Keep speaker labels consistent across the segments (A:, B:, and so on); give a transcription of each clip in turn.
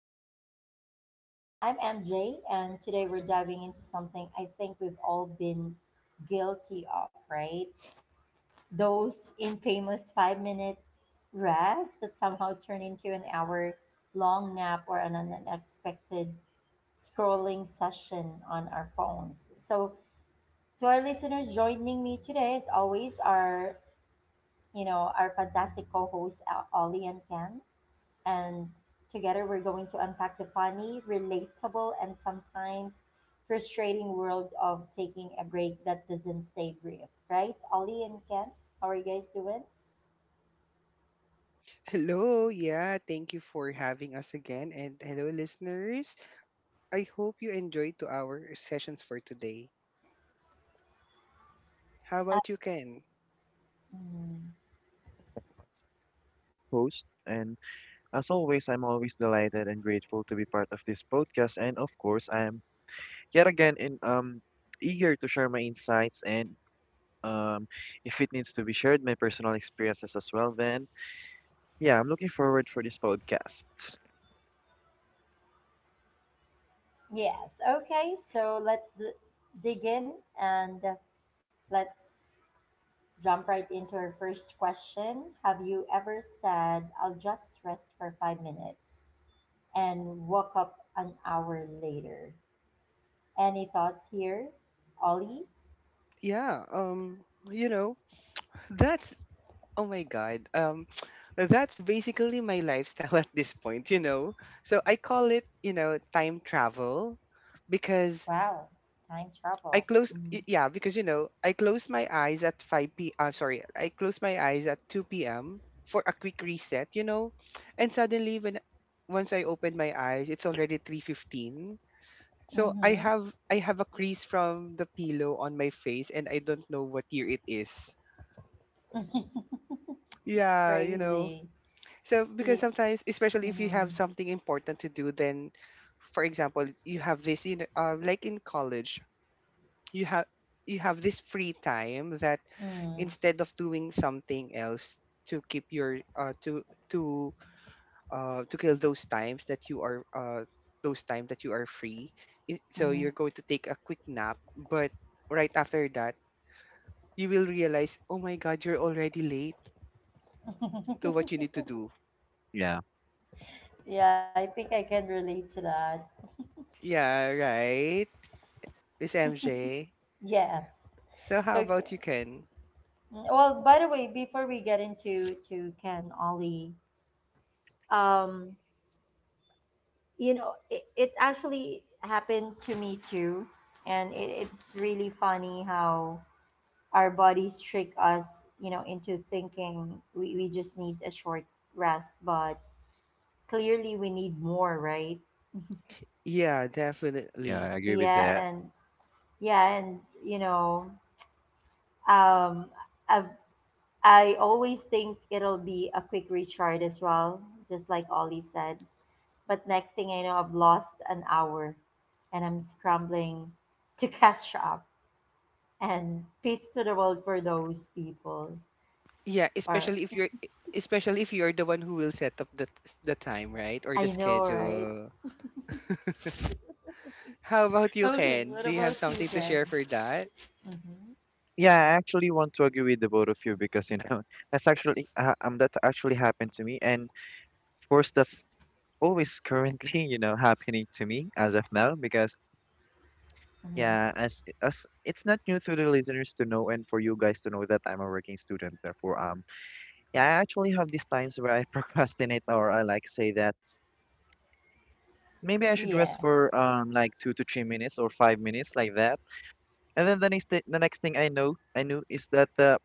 A: the podcast. I'm MJ, and today we're diving into something I think we've all been guilty of, right? Those infamous 5-minute rest that somehow turn into an hour long nap or an unexpected scrolling session on our phones. So, to our listeners joining me today, as always, are our fantastic co-hosts Ollie and Ken. And together we're going to unpack the funny, relatable, and sometimes frustrating world of taking a break that doesn't stay brief, right? Ollie and Ken, how are you guys doing?
B: Hello, yeah, thank you for having us again. And hello, listeners. I hope you enjoyed to our sessions for today. How
A: Uh,
B: about you, Ken?
C: Host. And as always, I'm always delighted and grateful to be part of this podcast. And of course, I am yet again in eager to share my insights and um if it needs to be shared, my personal experiences as well. Then yeah, I'm looking forward for this podcast.
A: yes. Okay. So dig in and let's jump right into our first question. Have you ever said, I'll just rest for 5 minutes and woke up an hour later? Any thoughts here, Ollie?
B: Yeah, you know, that's oh my god. That's basically my lifestyle at this point, you know. So I call it, you know, time travel because
A: Wow, time travel. Hmm.
B: yeah, because you know, I close my eyes at 5 p. I'm sorry, I close my eyes at 2 p.m. for a quick reset, you know. And suddenly when once I open my eyes, it's already 3:15. So
A: Mm-hmm.
B: I have a crease from the pillow on my face and I don't know what year it is.
A: It's
B: Yeah, you know.
A: crazy.
B: So because
A: Yeah.
B: sometimes, especially if you have
A: Mm-hmm.
B: something important to do, then for example, you have this you know, like in college, you have you have this free time that, instead of doing something else to keep your to to kill those time that you are free, so you're going to take a quick nap, but right after that you will realize, oh my god, you're already late
A: Mm-hmm.
B: to what you need to do.
C: Yeah,
A: Yeah, I think I can relate to that.
B: Yeah, right, Miss MJ.
A: Yes.
B: So how
A: Okay.
B: about you, Ken?
A: Mm, well, by the way, before we get into to Ken Ollie, um, you know, it actually happened to me too, and it's really funny how our bodies trick us, you know, into thinking we just need a short rest, but clearly we need more, right?
B: Yeah,
C: yeah,
B: definitely.
C: I agree with
A: Yeah,
C: that.
A: and yeah, and you know, um I have, I always think it'll be a quick recharge as well, just like Ollie said, but next thing I know I've lost an hour, and I'm scrambling to catch up. And peace to the world for those people
B: Yeah,
A: or
B: especially if you're the one who will set up the time, right, or the
A: I know right.
B: schedule. How about you,
A: Okay,
B: Ken?
A: what
B: Do you have
A: about you,
B: something to
A: Jen?
B: share for that?
A: Mm-hmm.
C: Yeah, I actually want to agree with the both of you because you know that's actually that actually happened to me, and of course that's always currently you know happening to me as of now because
A: Mm-hmm.
C: yeah, as it's not new to the listeners to know and for you guys to know that I'm a working student. Therefore, yeah, I actually have these times where I procrastinate or I like say that maybe I should
A: Yeah.
C: rest for like 2 to 3 minutes or 5 minutes like that. And then the next thing I know I knew is that the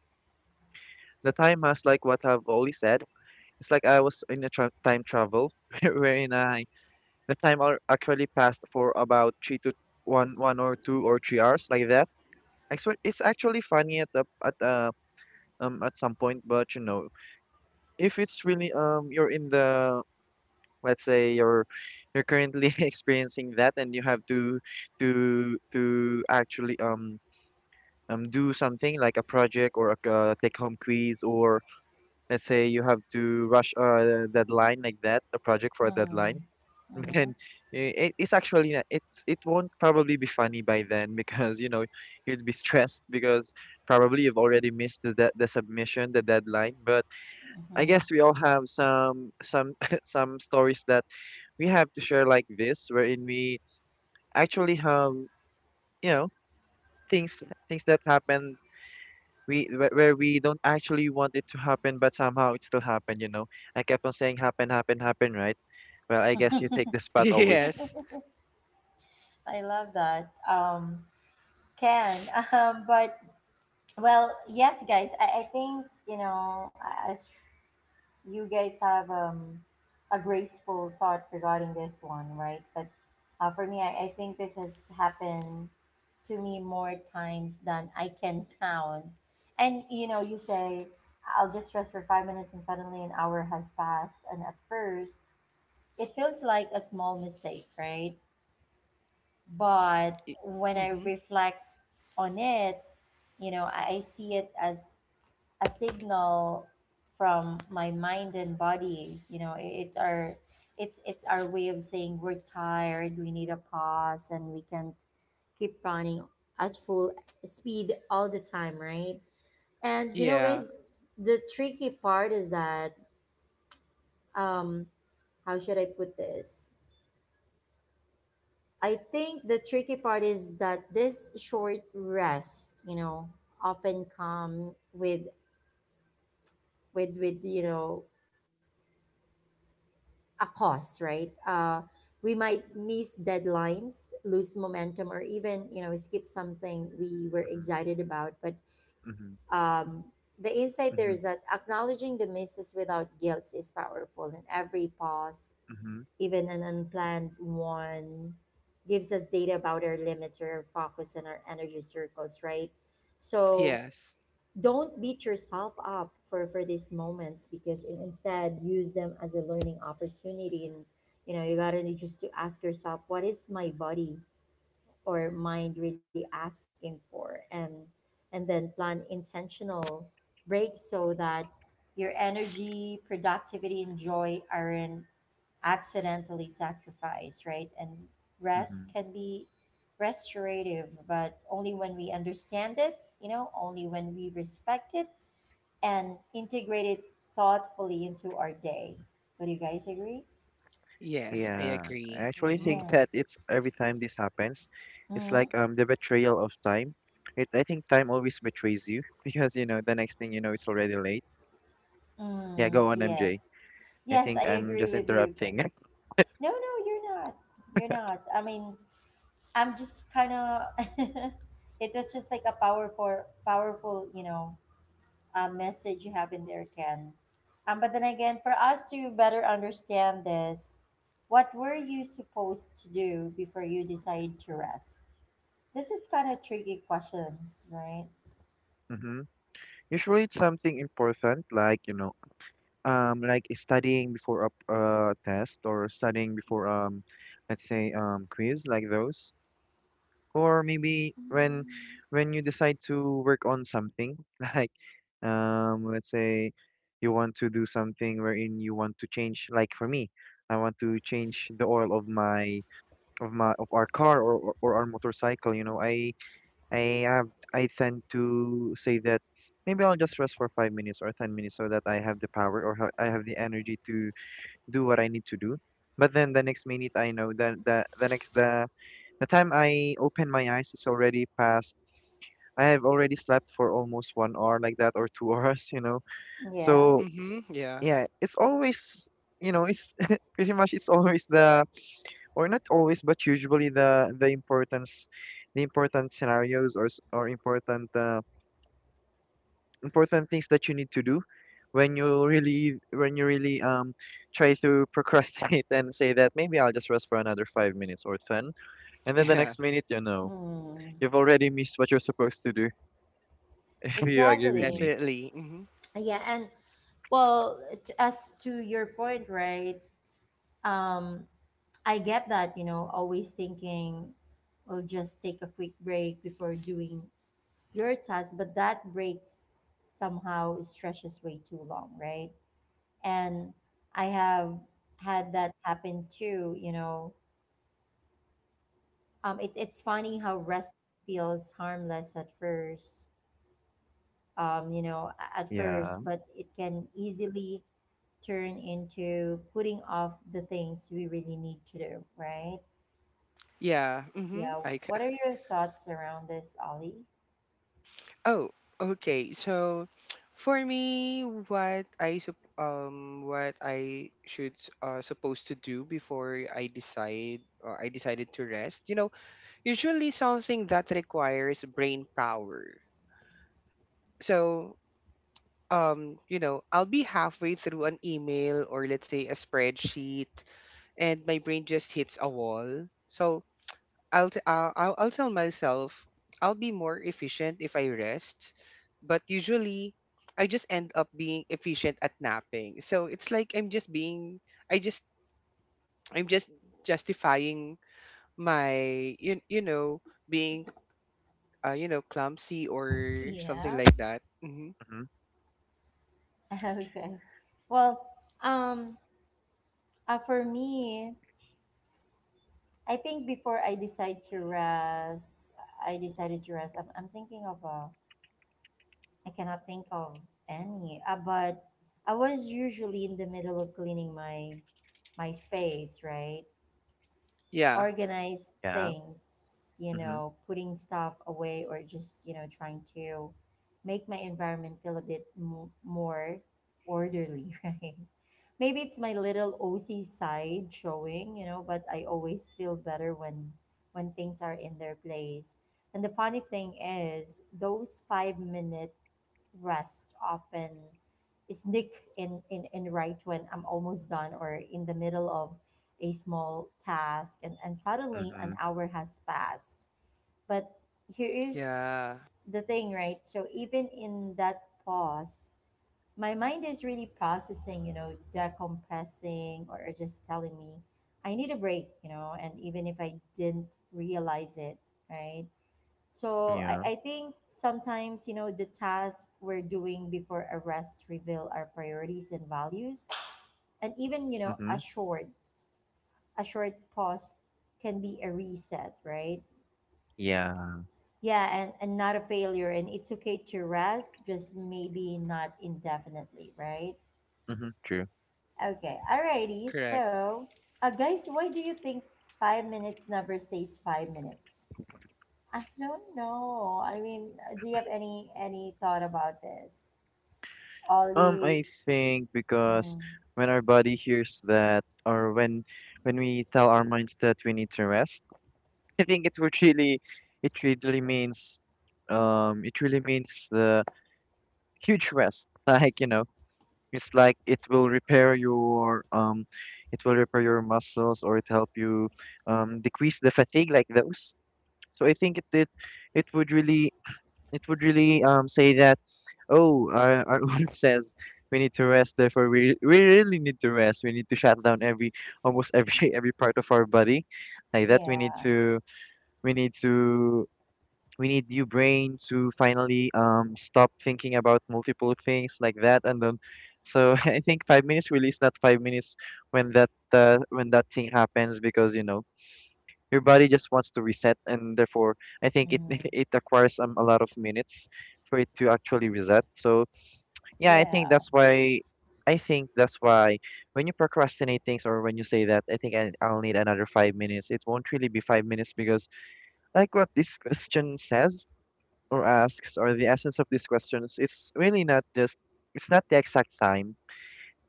C: the time has like what I've already said. It's like I was in a tra time travel wherein I the actually passed for about three to 1 or 2 or 3 hours like that. Actually, it's actually funny at the at some point, but you know, if it's really you're in the let's say you're currently experiencing that and you have to actually do something like a project or a take home quiz, or let's say you have to rush a deadline like that, a project for a
A: Mm-hmm.
C: deadline.
A: Mm-hmm.
C: Then it, it's actually it's it won't probably be funny by then because you know you'd be stressed because probably you've already missed the, the submission the deadline. But I guess
A: Mm-hmm.
C: we all have some some stories that we have to share like this, wherein we actually have you know things things that happen, we where we don't actually want it to happen, but somehow it still happened. You know, I kept on saying happen, happen, happen, right? Well, I guess you take the spot only.
B: Yes.
A: I love that. Can but well, yes, guys. I think, you know, as you guys have a graceful thought regarding this one, right? But for me, I think this has happened to me more times than I can count. And you know, you say I'll just rest for 5 minutes, and suddenly an hour has passed. And at first, it feels like a small mistake, right? But when I
B: Mm-hmm.
A: reflect on it, you know, I see it as a signal from my mind and body. You know, it's our way of saying we're tired, we need a pause, and we can't keep running at full speed all the time, right? And you know,
B: Yeah.
A: guys, the tricky part is that um, how should I put this? I think the tricky part is that this short rest, you know, often come with you know a cause, right? We might miss deadlines, lose momentum, or even, you know, skip something we were excited about. But
C: Mm-hmm.
A: um the insight there
C: Mm-hmm.
A: is that acknowledging the misses without guilt is powerful, and every pause,
C: Mm-hmm.
A: even an unplanned one, gives us data about our limits or our focus and our energy circles, right? So
B: Yes.
A: don't beat yourself up for these moments because instead use them as a learning opportunity. And you know, you gotta just to ask yourself, what is my body or mind really asking for? And then plan intentional breaks so that your energy, productivity, and joy aren't accidentally sacrificed, right? And rest
C: Mm-hmm.
A: can be restorative, but only when we understand it, you know, only when we respect it and integrate it thoughtfully into our day. Would you guys agree?
B: Yes, I
C: Yeah, I
B: agree.
C: actually
B: Mm-hmm.
C: think
A: Yeah.
C: that it's every time this happens, it's like
A: Hmm.
C: the betrayal of time. It I think time always betrays you because you know the next thing you know it's already late. Yeah,
A: Mm.
C: go on, MJ.
A: Yes.
C: I
A: Yes,
C: think
A: I
C: I'm
A: agree
C: just
A: with you, Ken.
C: interrupting.
A: No, no, you're not. You're not. I mean, I'm just kind of. It was just like a powerful, powerful, you know, message you have in there, Ken. But then again, for us to better understand this, what were you supposed to do before you decided to rest? This is kind of tricky questions, right?
C: Mm-hmm. Usually it's something important, like you know like studying before a test, or studying before let's say quiz like those. Or maybe when you decide to work on something like let's say you want to do something wherein you want to change. Like for me, I want to change the oil of my of our car, or or our motorcycle. You know, I have I tend to say that maybe I'll just rest for 5 minutes or 10 minutes so that I have the power, or I have the energy to do what I need to do. But then the next minute I know that the next the time I open my eyes is already past. I have already slept for almost 1 hour like that, or two hours, you know.
A: Yeah.
C: So
B: Mm-hmm. Yeah.
C: yeah, it's always you know it's pretty much it's always the, or not always but usually the importance, the important scenarios, or or important important things that you need to do when you really try to procrastinate and say that maybe I'll just rest for another 5 minutes or ten, and then the
B: Yeah.
C: next minute you know
A: Mm,
C: you've already missed what you're supposed to do. If you agree with
A: exactly.
C: me.
B: Definitely. Mm-hmm.
A: Yeah, and well, as to your point, right? Um, I get that, you know, always thinking, oh, just take a quick break before doing your task, but that break somehow stretches way too long, right? And I have had that happen too, you know. It's funny how rest feels harmless at first, you know, at
C: Yeah.
A: first, but it can easily turn into putting off the things we really need to do, right?
B: Yeah. Mm-hmm.
A: Yeah.
B: I c-
A: What are your thoughts around this, Ollie?
B: oh, okay. So for me, what I should supposed to do before I decided to rest, you know, usually something that requires brain power. So you know, I'll be halfway through an email or let's say a spreadsheet, and my brain just hits a wall. So I'll tell myself I'll be more efficient if I rest, but usually I just end up being efficient at napping. So it's like I just I'm just justifying my you know, being you know, clumsy or something
A: Yeah.
B: like that. Hmm.
C: Hmm.
A: Okay. Well, um, for me, I think before I decide to rest, I decided to rest. I'm thinking of I cannot think of any, but I was usually in the middle of cleaning my space, right?
B: Yeah,
A: Organize
C: Yeah.
A: things, you
C: Hmm.
A: know, putting stuff away, or just, you know, trying to make my environment feel a bit more orderly, right? Maybe it's my little OC side showing, you know, but I always feel better when things are in their place. And the funny thing is, those 5-minute rest often sneak in right when I'm almost done or in the middle of a small task, and suddenly an
C: Hmm.
A: hour has passed. But here is
B: yeah,
A: the thing, right? So even in that pause, my mind is really processing, you know, decompressing, or just telling me I need a break, you know, and even if I didn't realize it, right? So
C: Yeah.
A: I think sometimes, you know, the tasks we're doing before a rest reveal our priorities and values. And even, you know,
C: Hmm.
A: a short pause can be a reset, right? Yeah, and not a failure. And it's okay to rest, just maybe not indefinitely, right?
C: Mhm, true.
A: Okay, alrighty.
B: correct.
A: So, guys, why do you think 5 minutes never stays 5 minutes? I don't know. I mean, do you have any thought about this? Ollie.
C: I think because
A: Mm,
C: when our body hears that, or when we tell our minds that we need to rest, I think it would really, it really means, it really means the huge rest. Like, you know, it's like it will repair your, it will repair your muscles, or it help you, decrease the fatigue like those. So I think it would really, it would really, say that. Oh, our owner says we need to rest. Therefore, we really need to rest. We need to shut down every almost every every part of our body, like that.
A: yeah.
C: We need to we need your brain to finally stop thinking about multiple things like that. And then, so I think 5 minutes release, not 5 minutes when that thing happens, because you know your body just wants to reset, and therefore I think it
A: Mm,
C: it acquires a lot of minutes for it to actually reset. So yeah,
A: yeah.
C: I think that's why when you procrastinate things, or when you say that I'll need another 5 minutes, it won't really be 5 minutes because like what this question says or asks, or the essence of these questions, it's really not just it's not the exact time.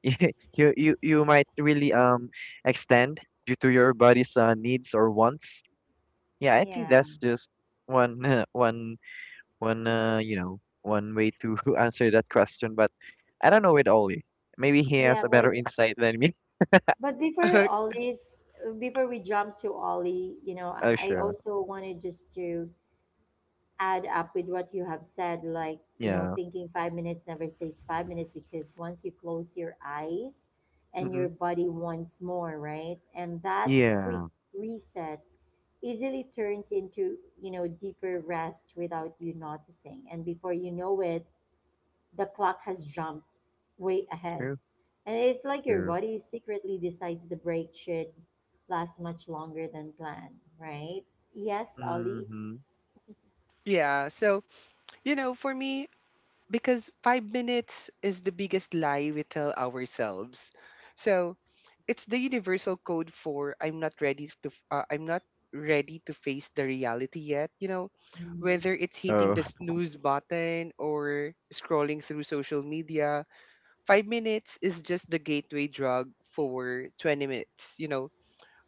C: You you might really extend due to your body's needs or wants. Yeah, I think
A: Yeah.
C: that's just one one one you know one way to answer that question. But I don't know it, Oli, maybe he has
A: Yeah.
C: a better
A: But
C: insight than me.
A: before Ollie's, before we jump to Ollie, you know,
C: Oh,
A: I
C: sure.
A: also wanted just to add up with what you have said, like, you know,
C: Yeah.
A: thinking 5 minutes never stays 5 minutes because once you close your eyes and
C: Mm-hmm.
A: your body wants more, right? And that quick
C: Yeah.
A: reset easily turns into, you know, deeper rest without you noticing. And before you know it, the clock has jumped way ahead.
C: True.
A: And it's like your
C: True.
A: body secretly decides the break should last much longer than planned, right? Yes, Ollie?
C: Mm-hmm.
B: Yeah. So, you know, for me, because 5 minutes is the biggest lie we tell ourselves. So it's the universal code for I'm not ready to face the reality yet. You know,
A: Mm,
B: whether it's hitting
C: Oh.
B: the snooze button or scrolling through social media, 5 minutes is just the gateway drug for 20 minutes. You know,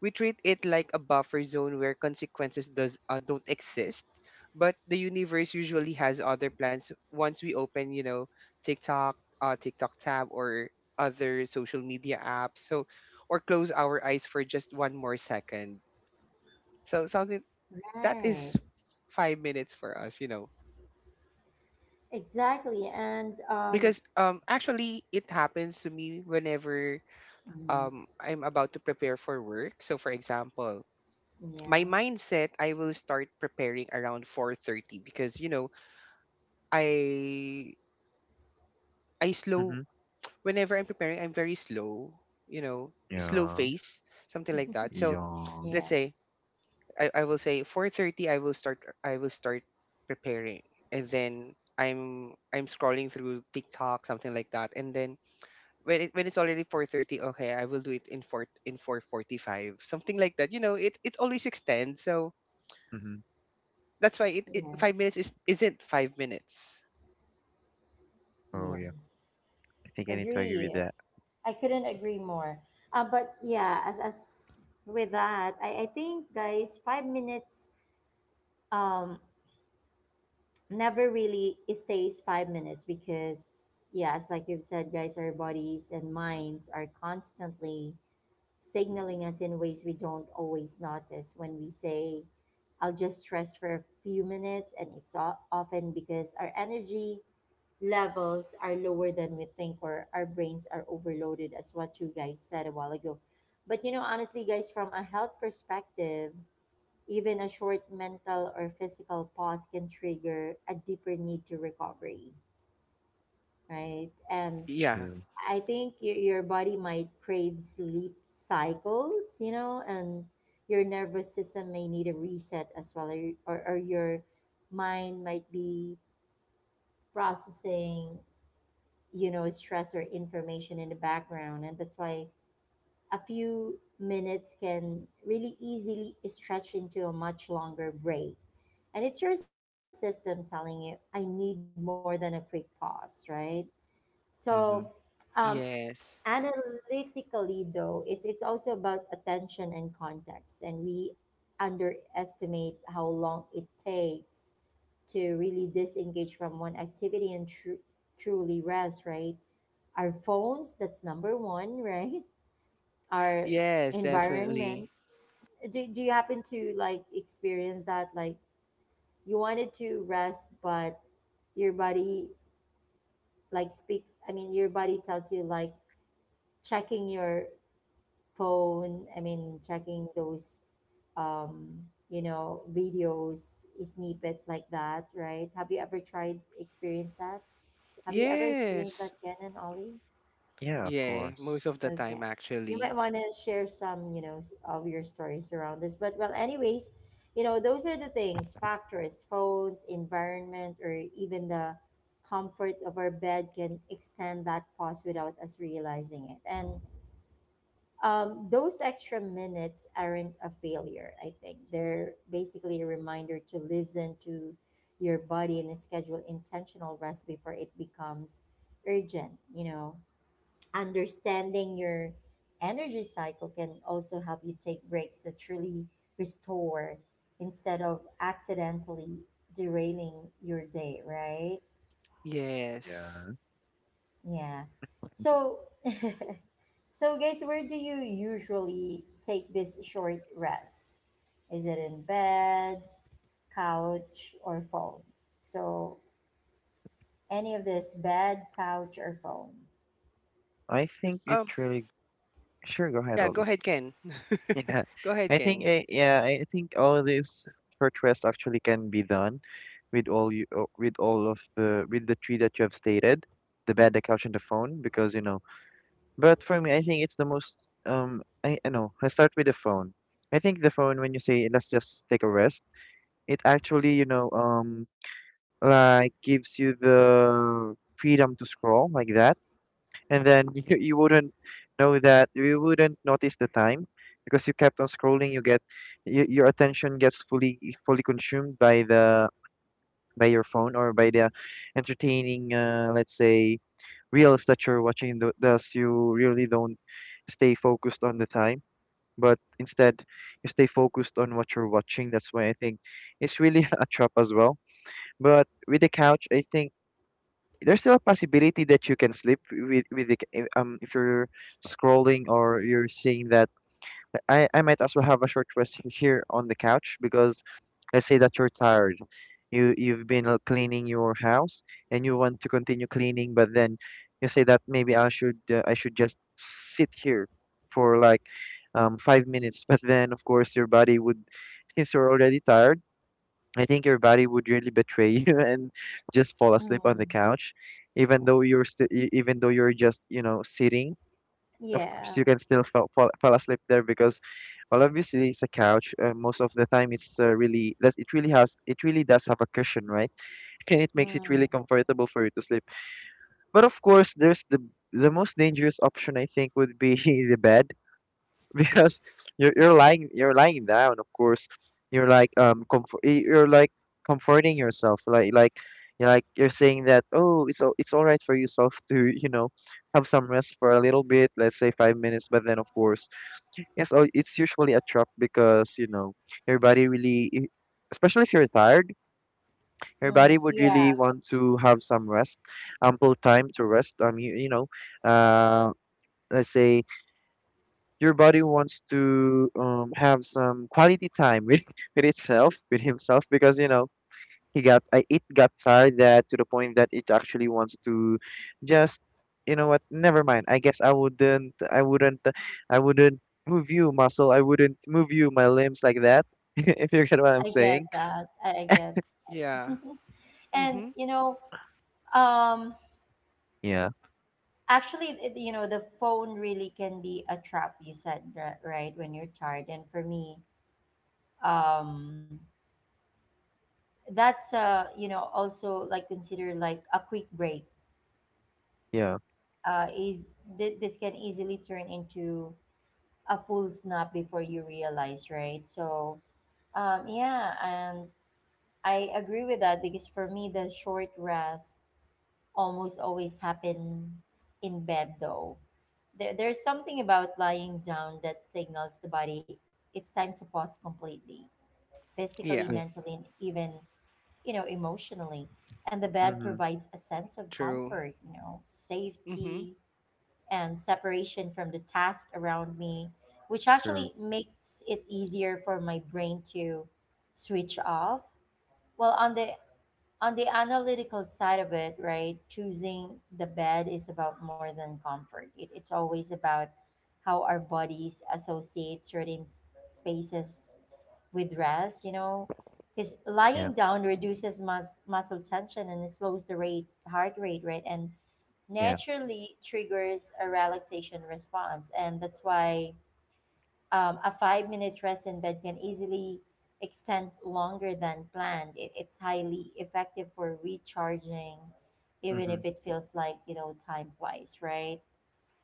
B: we treat it like a buffer zone where consequences does don't exist, but the universe usually has other plans once we open, you know, tiktok tab or other social media apps. So, or close our eyes for just one more second, so something that
A: right.
B: is 5 minutes for us, you know.
A: Exactly. And
B: Because actually it happens to me whenever
A: mm,
B: I'm about to prepare for work. So for example, my
A: yeah,
B: mindset, I will start preparing around 4:30 because you know, I I slow,
C: Mm-hmm.
B: whenever I'm preparing I'm very slow, you know, slow
C: Yeah.
B: pace, something like that.
C: Yeah.
B: So
C: Mm-hmm.
B: let's
A: yeah,
B: say, I will say 4:30, I will start, preparing, and then I'm scrolling through TikTok, something like that. And then when it's already 4:30, okay I will do it in 4 in 4:45, something like that. You know, it always extends. So that's why it,
A: yeah,
B: 5 minutes is isn't 5 minutes.
C: Oh yeah,
A: yes.
C: I think I need to agree with
A: Agree.
C: that.
A: I couldn't agree more. But yeah, as with that, I think guys, 5 minutes um never really stays 5 minutes because yes, like you've said guys, our bodies and minds are constantly signaling us in ways we don't always notice. When we say I'll just rest for a few minutes, and it's often because our energy levels are lower than we think, or our brains are overloaded, as what you guys said a while ago. But you know honestly guys, from a health perspective, even a short mental or physical pause can trigger a deeper need to recovery, right? And
B: Yeah.
C: True.
A: I think your body might crave sleep cycles, you know, and your nervous system may need a reset as well, or, or your mind might be processing, you know, stress or information in the background. And that's why a few minutes can really easily stretch into a much longer break. And it's your system telling you, I need more than a quick pause, right? So,
C: Mm-hmm.
A: um,
B: Yes.
A: analytically, though, it's also about attention and context. And we underestimate how long it takes to really disengage from one activity and truly rest, right? Our phones, that's number one, right? Our
B: Yes, definitely.
A: environment. Do you happen to like experience that? Like, you wanted to rest, but your body like speaks, I mean, your body tells you like checking your phone, I mean checking those um you know videos snippets like that, right? Have you ever tried experience that? Have you ever experienced
B: Yes.
A: that, Ken and Ollie?
C: Yeah, of
B: Yeah,
C: course.
B: most of the
A: Okay.
B: time
A: You
B: actually.
A: might want to share some, you know, of your stories around this. But well, anyways, you know, those are the things, factors, phones, environment, or even the comfort of our bed can extend that pause without us realizing it. And those extra minutes aren't a failure, I think. They're basically a reminder to listen to your body and schedule intentional rest before it becomes urgent, you know. Understanding your energy cycle can also help you take breaks that truly restore instead of accidentally derailing your day, right?
B: Yes.
C: Yeah,
A: Yeah. So, so guys, where do you usually take this short rest? Is it in bed, couch, or phone? So, any of this bed, couch, or phone?
C: I think it
B: Um
C: really. Sure, go ahead,
B: yeah, go
C: Oli.
B: ahead, Ken.
C: Yeah,
B: Go ahead,
C: I think
B: Ken.
C: yeah, I think all this short rest actually can be done with all you with all of the with the three that you have stated, the bed, the couch, and the phone, because you know. But for me, I think it's the most I know. Let's start with the phone. I think the phone when you say let's just take a rest, it actually you know like gives you the freedom to scroll like that, and then you wouldn't know that you wouldn't notice the time because you kept on scrolling. You get y your attention gets fully consumed by the by your phone, or by the entertaining let's say reels that you're watching, thus you really don't stay focused on the time, but instead you stay focused on what you're watching. That's why I think it's really a trap as well. But with the couch, I think there's still a possibility that you can sleep with if you're scrolling, or you're seeing that I might as well have a short rest here on the couch because let's say that you're tired, you've been cleaning your house and you want to continue cleaning, but then you say that maybe I should just sit here for like 5 minutes. But then of course your body would, since you're already tired, I think your body would really betray you and just fall asleep on
A: Mm.
C: the couch, even though you're still, even though you're just, you know, sitting. Of
A: Yeah.
C: course, you can still fall asleep there because, well, obviously it's a couch. Most of the time, it's really that it really has it really does have a cushion, right? And it makes it
A: Mm.
C: really comfortable for you to sleep. But of course, there's the most dangerous option I think would be the bed because you're lying down. Of course, you're like comfort you're like comforting yourself like you're saying that oh it's all right for yourself to you know have some rest for a little bit, let's say 5 minutes. But then of course, yes, oh, it's usually a trap because you know your body really especially if you're tired, your body
A: Mm.
C: would
A: Yeah.
C: really want to have some rest, ample time to rest. Um you know, uh, let's say your body wants to have some quality time with with itself with himself because you know he got it got tired, that to the point that it actually wants to just you know what, never mind. I guess I wouldn't move you muscle, I wouldn't move you my limbs like that, if you get what I'm
A: I get
C: saying.
A: that. I get.
B: Yeah.
A: And
B: Mhm.
A: you know, um,
C: Yeah.
A: actually, you know, the phone really can be a trap. You said right when you're tired, and for me, um, that's you know, also like consider like a quick break.
C: Yeah.
A: Uh, is this can easily turn into a full snap before you realize, right? So, yeah, and I agree with that because for me, the short rest almost always happens in bed though. There's something about lying down that signals the body it's time to pause completely, physically,
B: Yeah,
C: Yeah.
A: mentally, and even, emotionally. And the bed
C: Mm-hmm.
A: provides a sense of
B: true.
A: comfort,
B: Mhm.
A: safety and separation from the task around me, which
C: True.
A: actually makes it easier for my brain to switch off. Well, on the analytical side of it, right, choosing the bed is about more than comfort. It's always about how our bodies associate certain spaces with rest, because
C: Yeah.
A: lying down reduces muscle tension and it slows the rate, heart rate, right, and
C: Yeah.
A: naturally triggers a relaxation response. And that's why a 5-minute rest in bed can easily extend longer than planned. It's highly effective for recharging, even
C: Mm-hmm.
A: if it feels like, time flies, right?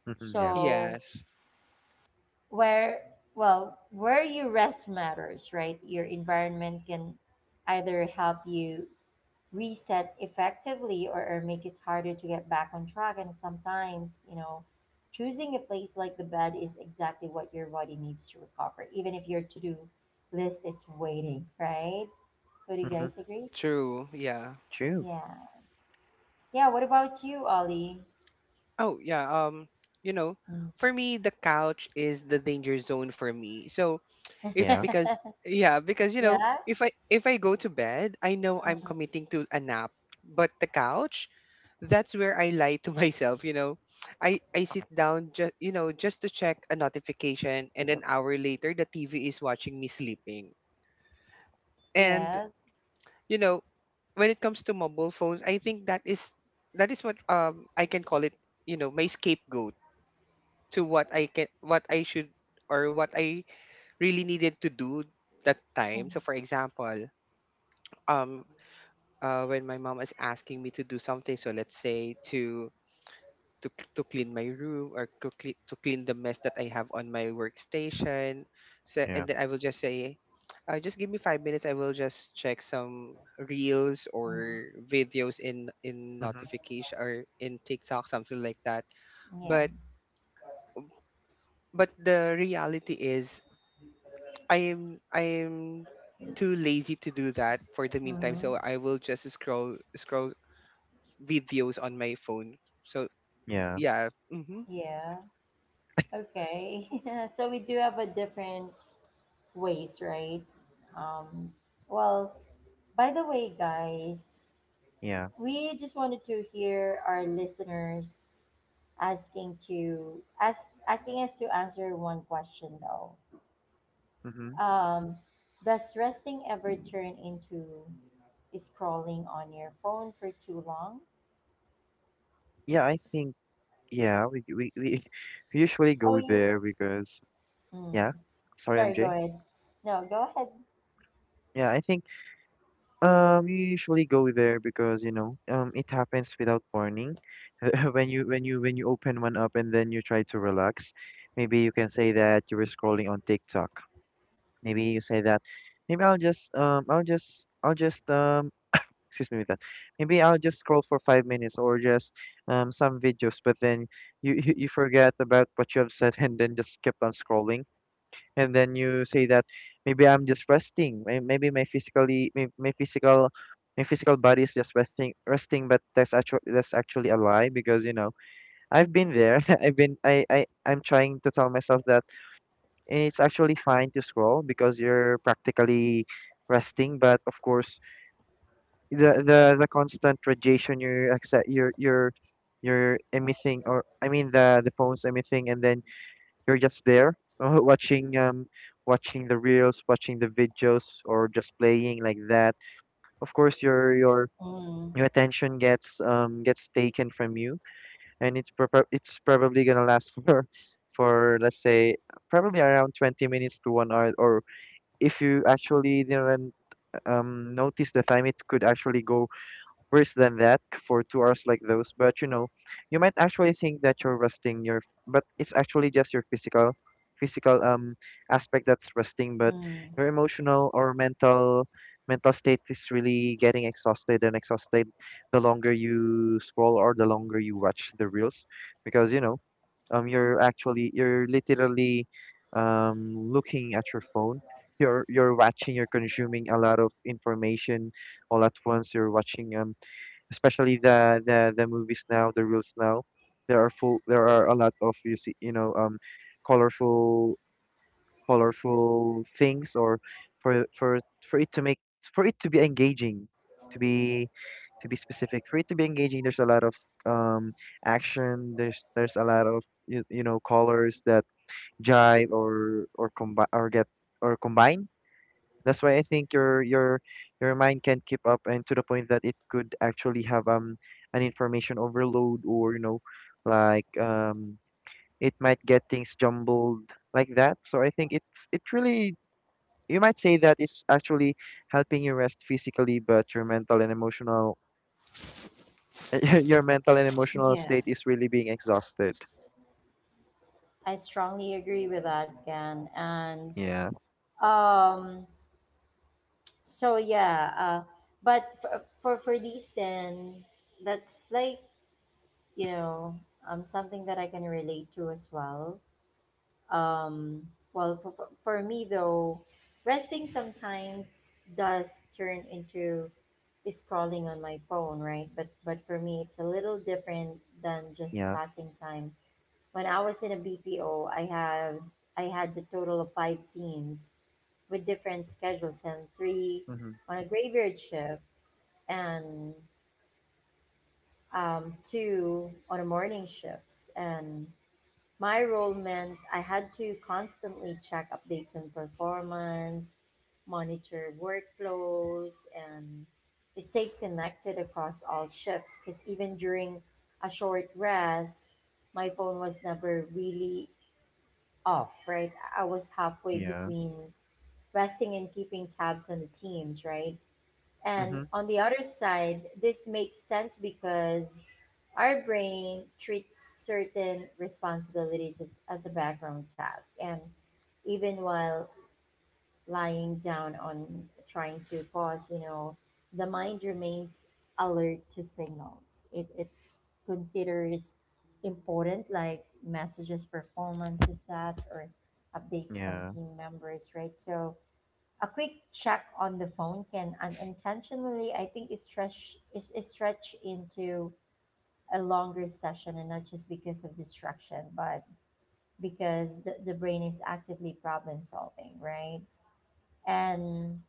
C: Mm-hmm. Yeah.
A: So,
B: Yes.
A: where, well, where you rest matters, right? Your environment can either help you reset effectively or make it harder to get back on track. And sometimes, choosing a place like the bed is exactly what your body needs to recover, even if your to do list is waiting, right? Would you
C: Mm-hmm.
A: guys agree?
B: True. Yeah.
C: True.
A: Yeah. Yeah. What about you, Ollie?
B: Oh, yeah. You know,
A: Mm.
B: for me the couch is the danger zone for me. So, if
C: Yeah.
B: because yeah, because you know,
A: Yeah.
B: if I go to bed I know I'm
A: Mm.
B: committing to a nap, but the couch, that's where I lie to myself, you know. I sit down just, you know, just to check a notification, and an hour later the TV is watching me sleeping. And
A: Yes.
B: you know, when it comes to mobile phones, I think that is what, I can call it, you know, my scapegoat to what I should or what I really needed to do that
A: Mm.
B: time. So for example, um when my mom is asking me to do something, so let's say to clean my room, or to clean the mess that I have on my workstation. So
C: Yeah.
B: and then I will just say, just give me 5 minutes, I will just check some reels
A: Mm.
B: or videos in
C: Mm-hmm.
B: notification or in tiktok, something like that.
A: Yeah.
B: But the reality is, I am too lazy to do that for the meantime,
A: Mm.
B: so I will just scroll videos on my phone. So
C: Yeah.
B: yeah. Hmm.
A: Yeah. Okay. So we do have a different ways, right? Um, well, By the way, guys,
C: Yeah.
A: we just wanted to hear our listeners asking us to answer one question though.
C: Mm-hmm.
A: Um, does resting ever turn into scrolling on your phone for too long?
C: Yeah, I think yeah, we we usually
A: Oh,
C: go
A: you.
C: there because
A: Mm,
C: yeah. Sorry,
A: sorry, go
C: MJ.
A: ahead. No, go ahead.
C: Yeah, I think we usually go there because you know, it happens without warning. When you open one up and then you try to relax, maybe you can say that you were scrolling on TikTok. Maybe you say that maybe I'll just excuse me with that. Maybe I'll just scroll for 5 minutes or just some videos, but then you you forget about what you have said and then just kept on scrolling, and then you say that maybe I'm just resting. May- Maybe my physically, my, my physical body is just resting, resting. But that's actually a lie because you know I've been there. I've been I I'm trying to tell myself that it's actually fine to scroll because you're practically resting. But of course, the constant radiation you're accept you're emitting, or I mean the phone's emitting, and then you're just there watching um watching the reels, watching the videos, or just playing like that. Of course, your your
A: Mm,
C: your attention gets taken from you, and it's probably gonna last for let's say probably around 20 minutes to 1 hour, or if you actually didn't notice the time it could actually go worse than that, for 2 hours like those. But you know, you might actually think that you're resting , but it's actually just your physical aspect that's resting, but
A: mm.
C: your emotional or mental state is really getting exhausted and exhausted the longer you scroll or the longer you watch the reels, because you know, you're actually you're literally looking at your phone. You're watching, you're consuming a lot of information all at once. You're watching especially the movies now, the reels now. There are a lot of you see you know, colorful colorful things, or for for for it to make for it to be engaging, to be to be specific, for it to be engaging, there's a lot of um action. There's a lot of you, you know, colors that jive or combine or get or combine. That's why I think your mind can't keep up, and to the point that it could actually have an information overload, or you know, like it might get things jumbled like that. So I think it's it really you might say that it's actually helping you rest physically, but your mental and emotional your mental and emotional
A: Yeah,
C: state is really being exhausted.
A: I strongly agree with that, Gan. And
C: Yeah.
A: um, so yeah, but for these then, that's like you know something that I can relate to as well. Well for me though, resting sometimes does turn into scrolling on my phone, right? But for me, it's a little different than just
C: Yeah.
A: passing time. When I was in a BPO, I had the total of five teams with different schedules and three
C: Mm-hmm.
A: on a graveyard shift and two on the morning shifts. And my role meant I had to constantly check updates on performance, monitor workflows, and stay connected across all shifts. Because even during a short rest, my phone was never really off, right? I was halfway
C: Yeah.
A: between resting and keeping tabs on the teams, right? And
C: Mm-hmm.
A: on the other side, this makes sense because our brain treats certain responsibilities of- as a background task. And even while lying down on trying to pause, you know, the mind remains alert to signals. It considers important like messages, performances, stats, or updates from
C: Yeah.
A: team members, right? So a quick check on the phone can unintentionally, I think, is stretch is stretched into a longer session and not just because of distraction but because the brain is actively problem solving, right, and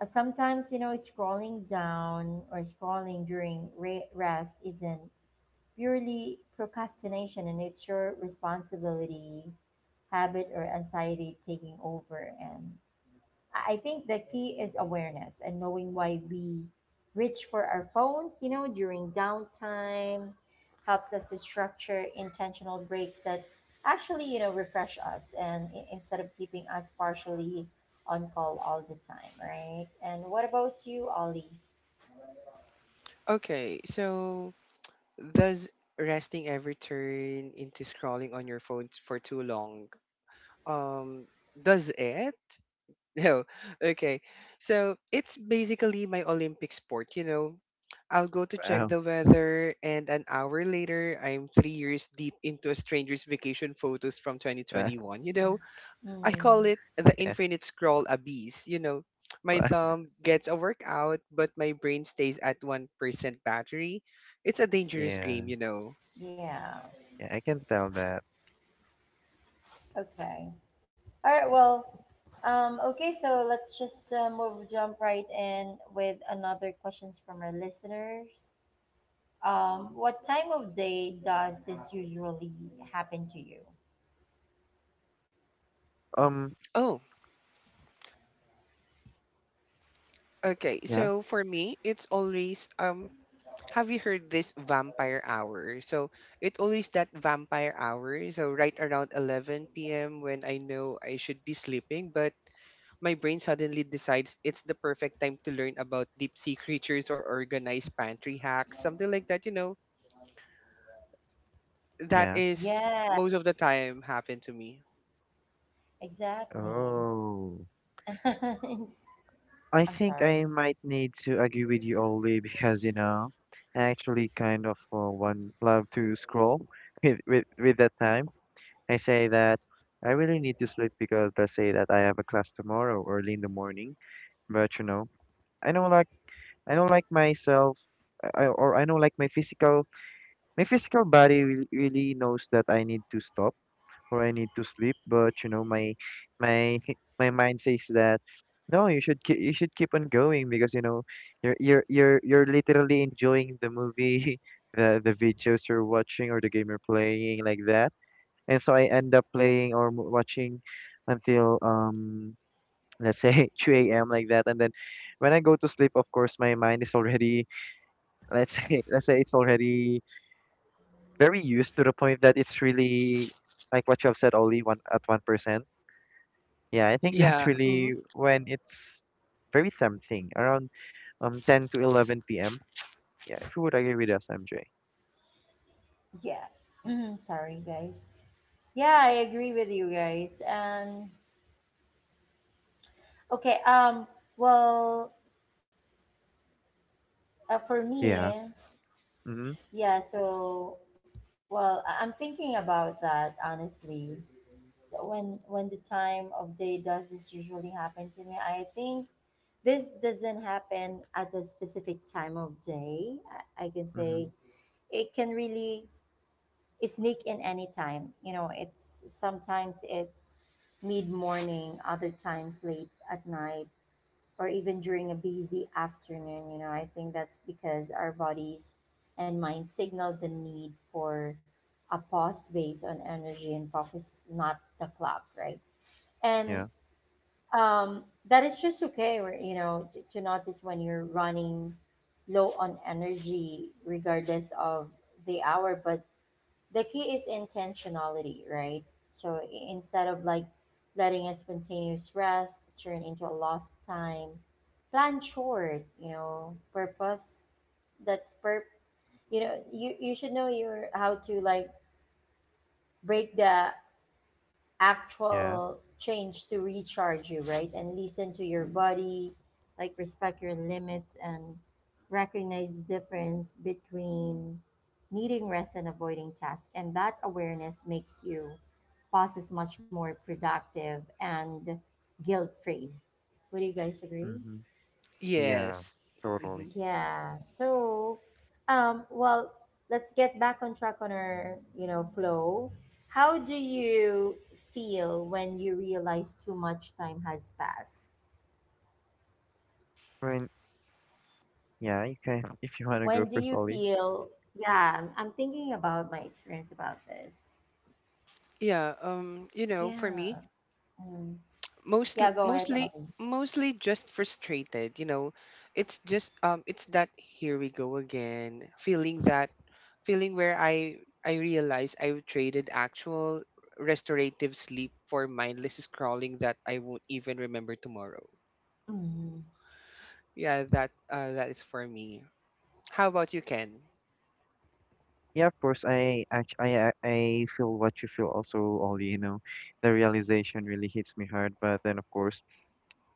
A: sometimes you know scrolling down or scrolling during rest isn't purely procrastination and it's your responsibility habit or anxiety taking over, and I think the key is awareness, and knowing why we reach for our phones, you know, during downtime, helps us to structure intentional breaks that actually, refresh us, and instead of keeping us partially on call all the time, right? And what about you, Ollie?
B: Okay. So does resting ever turn into scrolling on your phone for too long? Um, does it? No. Okay. So it's basically my Olympic sport. You know, I'll go to check
C: Wow.
B: the weather, and an hour later, I'm 3 years deep into a stranger's vacation photos from
C: Wow.
B: 2021. You know, I call it
A: Hmm.
B: the
C: Yeah.
B: infinite scroll abyss. You know, my
C: Wow.
B: thumb gets a workout, but my brain stays at 1% battery. It's a dangerous
C: Yeah.
B: game, you know.
A: Yeah.
C: Yeah, I can tell that.
A: Okay. All right. Well, okay. So let's just jump right in with another questions from our listeners. What time of day does this usually happen to you?
C: Um.
B: Oh, okay.
C: Yeah,
B: So for me, it's always have you heard this vampire hour? So it always that vampire hour. So right around 11 p.m. when I know I should be sleeping, but my brain suddenly decides it's the perfect time to learn about deep sea creatures or organized pantry hacks, something like that, you know, that
C: yeah.
B: is
A: Yeah,
B: most of the time happened to me.
A: exactly.
C: Oh,
A: It's-
C: I
A: I'm
C: think
A: sorry.
C: I might need to agree with you, Oli, because you know, I actually kind of one love to scroll with with that time. I say that I really need to sleep because let's say that I have a class tomorrow early in the morning. But you know, I don't like I don't like myself, or I don't like my physical body really, really knows that I need to stop or I need to sleep, but you know, my my mind says that no, you should keep on going because you know you're literally enjoying the movie, the videos you're watching or the game you're playing like that. And so I end up playing or mo- watching until let's say 2 a.m. like that. And then when I go to sleep, of course, my mind is already let's say let's say it's already very used to the point that it's really like what you have said, only one at 1%. Yeah, I think that's
B: Yeah. Hmm.
C: really when it's very tempting, around 10 to 11 p.m. Yeah, if you would agree with us, MJ.
A: Yeah. Sorry, guys. Yeah, I agree with you guys. And okay, well, for me,
C: Yeah. Mm-hmm.
A: yeah, so well, I'm thinking about that honestly. So when the time of day does this usually happen to me, I think this doesn't happen at a specific time of day. I can
C: Mm-hmm.
A: say it can really sneak in any time. You know, it's sometimes it's mid morning, other times late at night, or even during a busy afternoon. You know, I think that's because our bodies and minds signal the need for a pause based on energy and focus, not the clock, right? And
C: Yeah.
A: that is just okay, or, you know, to notice when you're running low on energy, regardless of the hour. But the key is intentionality, right? So instead of like letting a spontaneous rest turn into a lost time, plan short. You know, purpose. That's per. You know, you should know your how to like break the
C: Yeah.
A: actual change to recharge you, right? And listen to your body, like respect your limits and recognize the difference between needing rest and avoiding tasks. And that awareness makes you process much more productive and guilt free. Would you guys agree?
C: Mm-hmm. Yeah.
B: Yes.
C: Totally.
B: Hmm.
A: Yeah. So, well, let's get back on track on our, you know, flow. How do you feel when you realize too much time has passed?
C: Right. Yeah. You can if you wanna go
A: When do
C: first,
A: you
C: Ollie.
A: feel, yeah, I'm thinking about my experience about this.
B: Yeah. You know, for
A: Yeah.
B: me,
A: Mm. Yeah, go ahead, Ollie.
B: mostly just frustrated. You know, It's that, here we go again. Feeling that feeling where I realize I've traded actual restorative sleep for mindless scrolling that I won't even remember tomorrow.
A: Mm.
B: Yeah. That is for me. How about you, Ken?
C: Yeah, of course. I act- I feel what you feel also, Ollie. You know, the realization really hits me hard. But then, of course,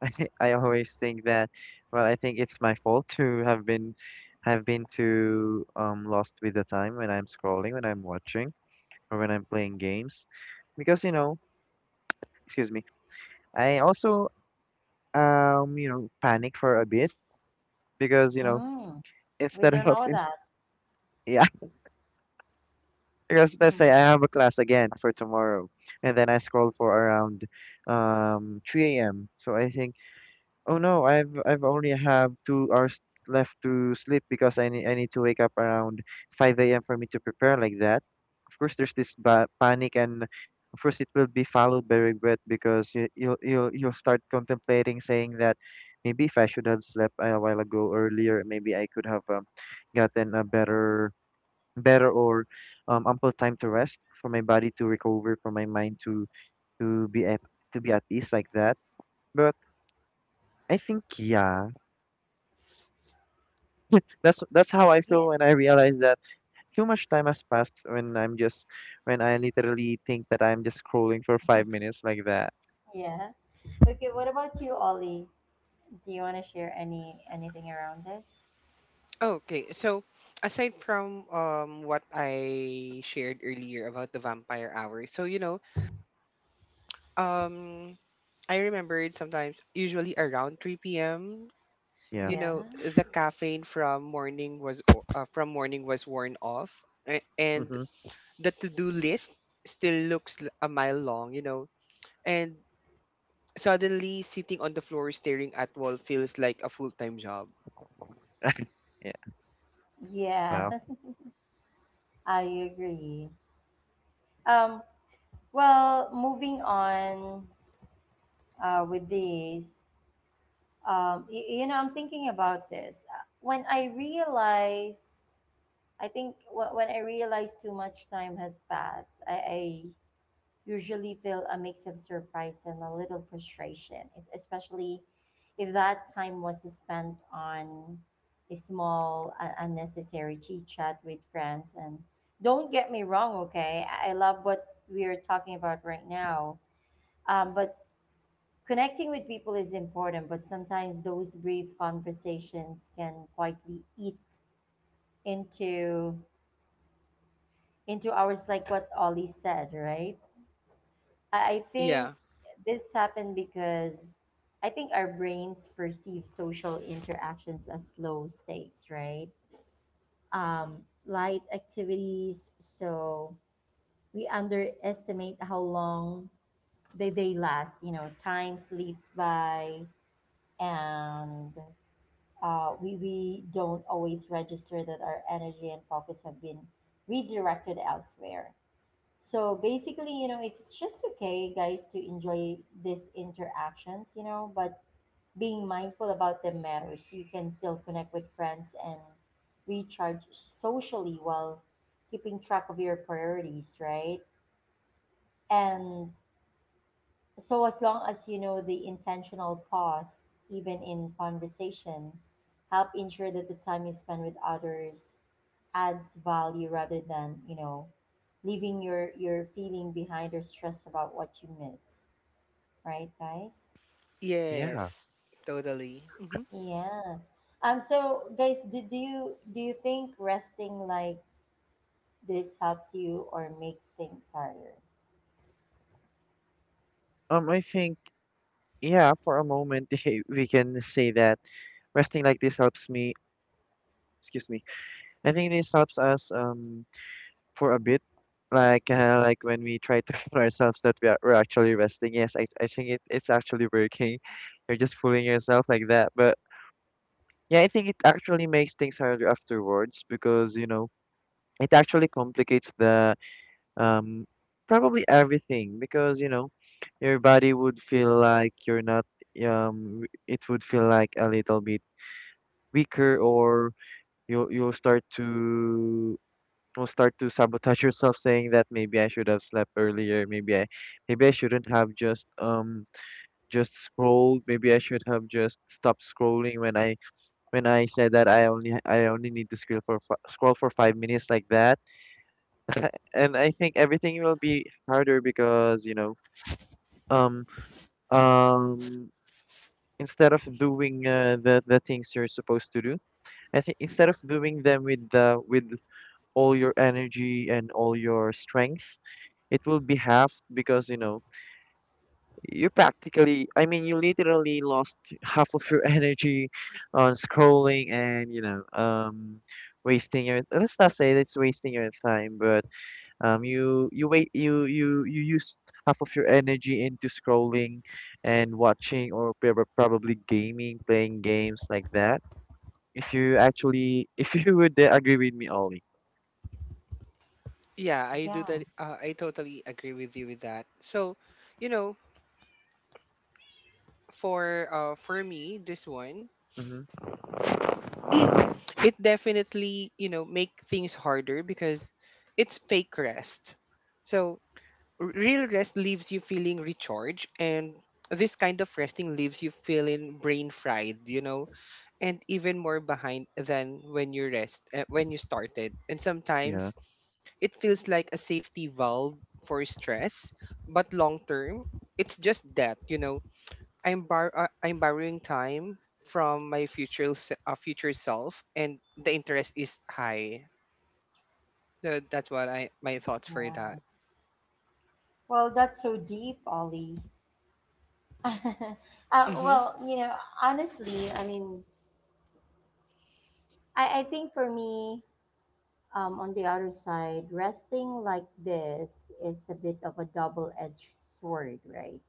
C: I always think that, well, I think it's my fault to have been too lost with the time when I'm scrolling, when I'm watching, or when I'm playing games. Because, you know, excuse me, I also you know, panic for a bit because, you know,
A: Mm. We
C: instead
A: don't
C: of
A: know
C: inst
A: that.
C: yeah, because let's
A: Mhm.
C: say I have a class again for tomorrow and then I scroll for around 3 a.m. So I think, oh no, I've only have 2 hours left to sleep because I need to wake up around 5 a.m. for me to prepare like that. Of course, there's this ba panic, and of course, it will be followed by regret because you'll start contemplating, saying that maybe if I should have slept a while ago earlier, maybe I could have gotten a better or ample time to rest for my body to recover, for my mind to to be at to be at ease like that. But I think yeah. That's how I
A: Yeah.
C: feel when I realize that too much time has passed when I'm just when I literally think that I'm just scrolling for 5 minutes like that.
A: Yeah. Okay, what about you, Ollie? Do you want to share any anything around this?
B: Okay, so aside from what I shared earlier about the vampire hour, so you know, um I remembered sometimes usually around 3 p.m.,
C: Yeah.
B: you
A: Yeah.
B: know, the caffeine from morning from morning was worn off, and
C: Mm-hmm.
B: the to-do list still looks, a mile long, you know. And suddenly sitting on the floor staring at wall feels like a full-time job.
C: Yeah.
A: Yeah,
C: Wow.
A: I agree. Um, well, moving on with this, you know, I'm thinking about this. I think when I realize too much time has passed, I usually feel a mix of surprise and a little frustration, especially if that time was spent on a small, unnecessary chit chat with friends. And don't get me wrong, okay? I love what we are talking about right now. But connecting with people is important, but sometimes those brief conversations can quietly eat into ours like what Ollie said, right? I think
B: Yeah.
A: this happened because I think our brains perceive social interactions as low stakes, right? Light activities, so we underestimate how long they last. You know, time slips by, and we don't always register that our energy and focus have been redirected elsewhere. So basically, you know, it's just okay, guys, to enjoy these interactions, you know, but being mindful about the matters. You can still connect with friends and recharge socially while keeping track of your priorities, right? And so, as long as you know the intentional pause, even in conversation, help ensure that the time you spend with others adds value rather than, you know, leaving your feeling behind or stress about what you miss. Right, guys?
C: Yeah.
B: Yes, totally. Mm-hmm.
A: Yeah. So guys, do you think resting like this helps you or makes things harder?
C: I think yeah, for a moment we can say that resting like this helps me. Excuse me. I think this helps us for a bit, like when we try to fool ourselves that we're actually resting. Yes, I think it's actually working. You're just fooling yourself like that, but. Yeah, I think it actually makes things harder afterwards because, you know, it actually complicates the um probably everything because, you know, your body would feel like you're not it would feel like a little bit weaker, or you you'll start to you will start to sabotage yourself saying that maybe I should have slept earlier, maybe I shouldn't have just scrolled, maybe I should have just stopped scrolling when I said that I only need to scroll for fi- scroll for 5 minutes like that, and I think everything will be harder because you know um um instead of doing the things you're supposed to do, I think instead of doing them with all your energy and all your strength, it will be half because you know you practically I mean you literally lost half of your energy on scrolling, and you know wasting your let's not say that's wasting your time, but you you used half of your energy into scrolling and watching or prob- probably gaming playing games like that if you actually if you would agree with me, Ollie.
B: Yeah, I do that.
A: Yeah,
B: I totally agree with you with that. So, you know, for me, this one,
C: Mm-hmm.
B: it definitely, you know, make things harder because it's fake rest. So real rest leaves you feeling recharged, and this kind of resting leaves you feeling brain fried. You know, and even more behind than when you started, and
C: Yeah.
B: sometimes it feels like a safety valve for stress, but long term it's just that, you know, I'm borrowing time from my future self, and the interest is high. So that's what I my thoughts for that.
A: right. Well, that's so deep, Ollie.
B: Mm-hmm.
A: Well, you know, honestly, I mean, I think for me, on the other side, resting like this is a bit of a double edged sword, right?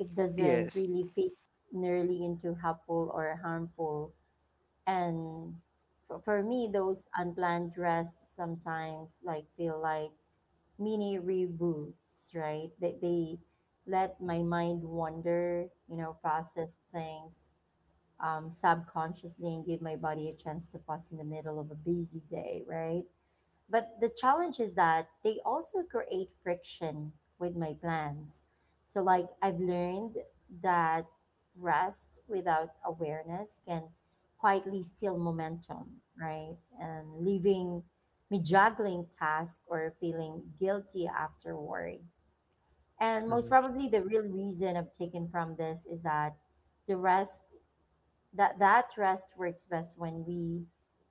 A: It doesn't
B: Yes,
A: really fit nearly into helpful or harmful. And for me, those unplanned rests sometimes like feel like mini reboots, right? They let my mind wander, you know, process things subconsciously and give my body a chance to pause in the middle of a busy day, right? But the challenge is that they also create friction with my plans. So, like, I've learned that rest without awareness can quietly steal momentum, right? And leaving me juggling tasks or feeling guilty afterward. And most
C: Mm-hmm.
A: probably, the real reason I've taken from this is the rest that rest works best when we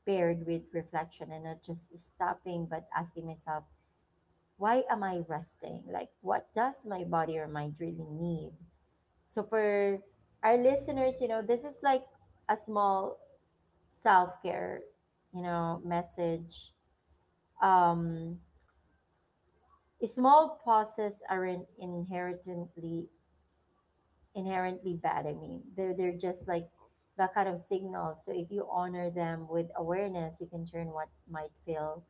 A: paired with reflection, and not just stopping but asking myself, why am I resting, like what does my body or mind really need? So for our listeners, you know, this is like a small self-care, you know, message. um Small pauses aren't inherently bad. I mean, they're just like that kind of signal. So if you honor them with awareness, you can turn what might feel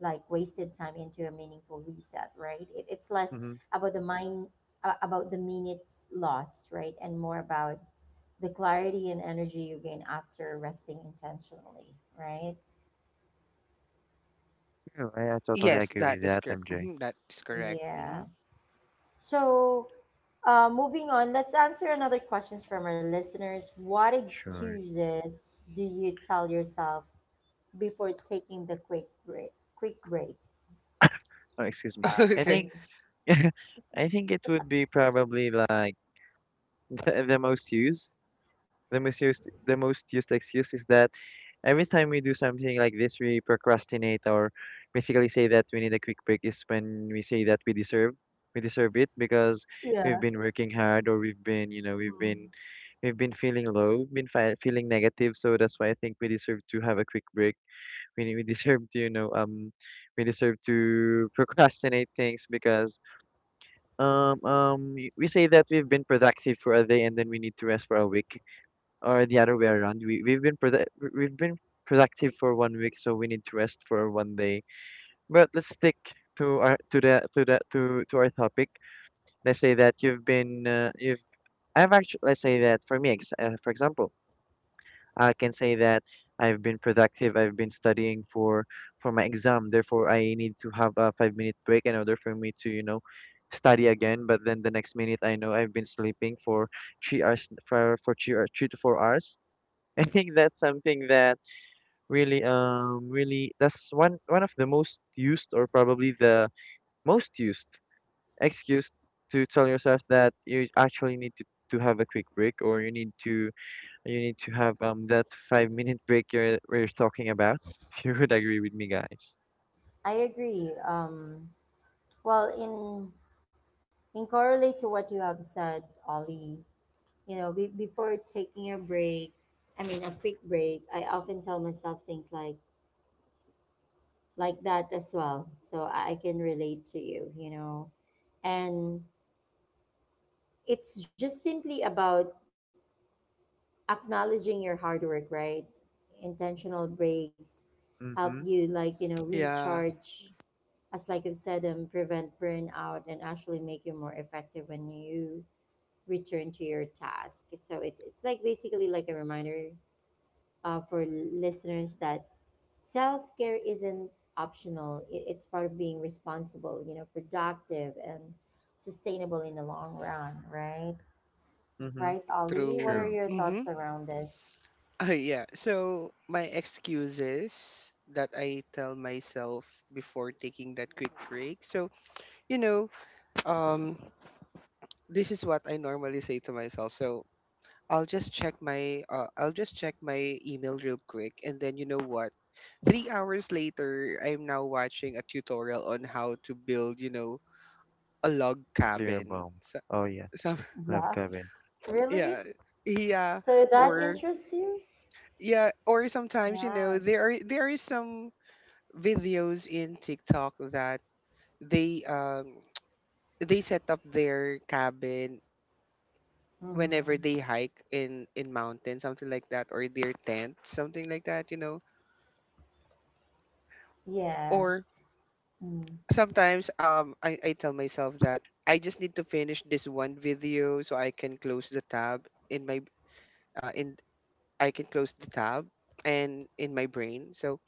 A: like wasted time into a meaningful reset. Right? It, it's less
C: Mm-hmm.
A: about about the minutes lost, right, and more about the clarity and energy you gain after resting intentionally. Right?
C: Yeah, I totally
B: yes,
C: agree
B: that
C: with
B: is
C: that,
B: correct.
C: MJ.
B: Hmm.
A: Yeah. So. Moving on, let's answer another questions from our listeners. What
C: Sure.
A: excuses do you tell yourself before taking the quick break. Quick break.
C: Oh, excuse me.
A: Sorry.
C: I
B: Okay.
C: think I think it would be probably like the most used, the most used, the most used excuse is that every time we do something like this, we procrastinate or basically say that we need a quick break is when we say that we deserve it because we've
A: Yeah.
C: been working hard, or we've been you know
A: Mm.
C: we've been feeling low been fi- feeling negative, so that's why I think we deserve to have a quick break. We deserve to you know we deserve to procrastinate things because we say that we've been productive for a day and then we need to rest for a week, or the other way around. We've been productive for 1 week, so we need to rest for 1 day. But let's stick to our to the to the to our topic. Let's say that you've been you've I've actually let's say that for me for example. I can say that I've been productive. I've been studying for my exam. Therefore, I need to have a 5 minute break in order for me to, you know, study again. But then the next minute, I know I've been sleeping for 3 hours for three to four hours. I think that's something that really, really that's one of the most used, or probably the most used, excuse to tell yourself that you actually need to have a quick break, or you need to have that 5 minute break you're we're talking about. You would agree with me, guys.
A: I agree. Well, in correlate to what you have said, Ollie, you know, before taking a break, I mean a quick break, I often tell myself things like that as well, so I can relate to you, you know. And it's just simply about acknowledging your hard work, right? Intentional breaks help
C: Mm-hmm.
A: you like
B: Yeah,
A: recharge as like I've said, prevent burnout and actually make you more effective when you return to your task. So it's like basically like a reminder for listeners that self care isn't optional. It's part of being responsible, you know, productive and sustainable in the long run, right?
C: Mm-hmm.
A: Right, Ollie. What
B: true.
A: are
C: True.
A: your
B: Mm-hmm.
A: thoughts around this?
B: Oh yeah. So my excuses that I tell myself before taking that quick break. So, you know, um this is what I normally say to myself. So, I'll just check my email real quick, and then you know what? 3 hours later, I'm now watching a tutorial on how to build, you know, a log
C: Nuclear
B: cabin.
C: bomb.
B: So,
C: Oh yeah,
B: some
C: love
A: Love,
C: Kevin.
A: really?
B: yeah. Yeah,
A: So that
B: or
A: interests you?
B: yeah, or sometimes you know,
A: Yeah.
B: there is some videos in TikTok that they they set up their cabin whenever
A: Mm-hmm.
B: they hike in mountains, something like that, or their tent, something like that, you know.
A: Yeah.
B: Or
A: Mm.
B: sometimes I tell myself that I just need to finish this one video so I can close the tab in my in I can close the tab and in my brain. So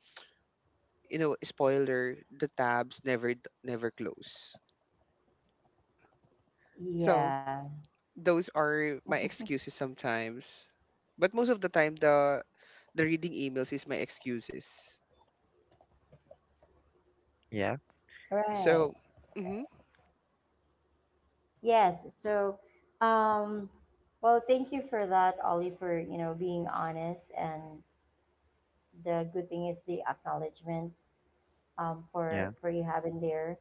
B: you know, spoiler, the tabs never never close. So,
A: Yeah.
B: those are my excuses sometimes. But most of the time the reading emails is my excuses.
C: Yeah,
A: Right.
B: So, mhm,
A: Yes. So, um, well, thank you for that, Ollie, for, you know, being honest. And the good thing is the acknowledgement
C: yeah.
A: for you having there.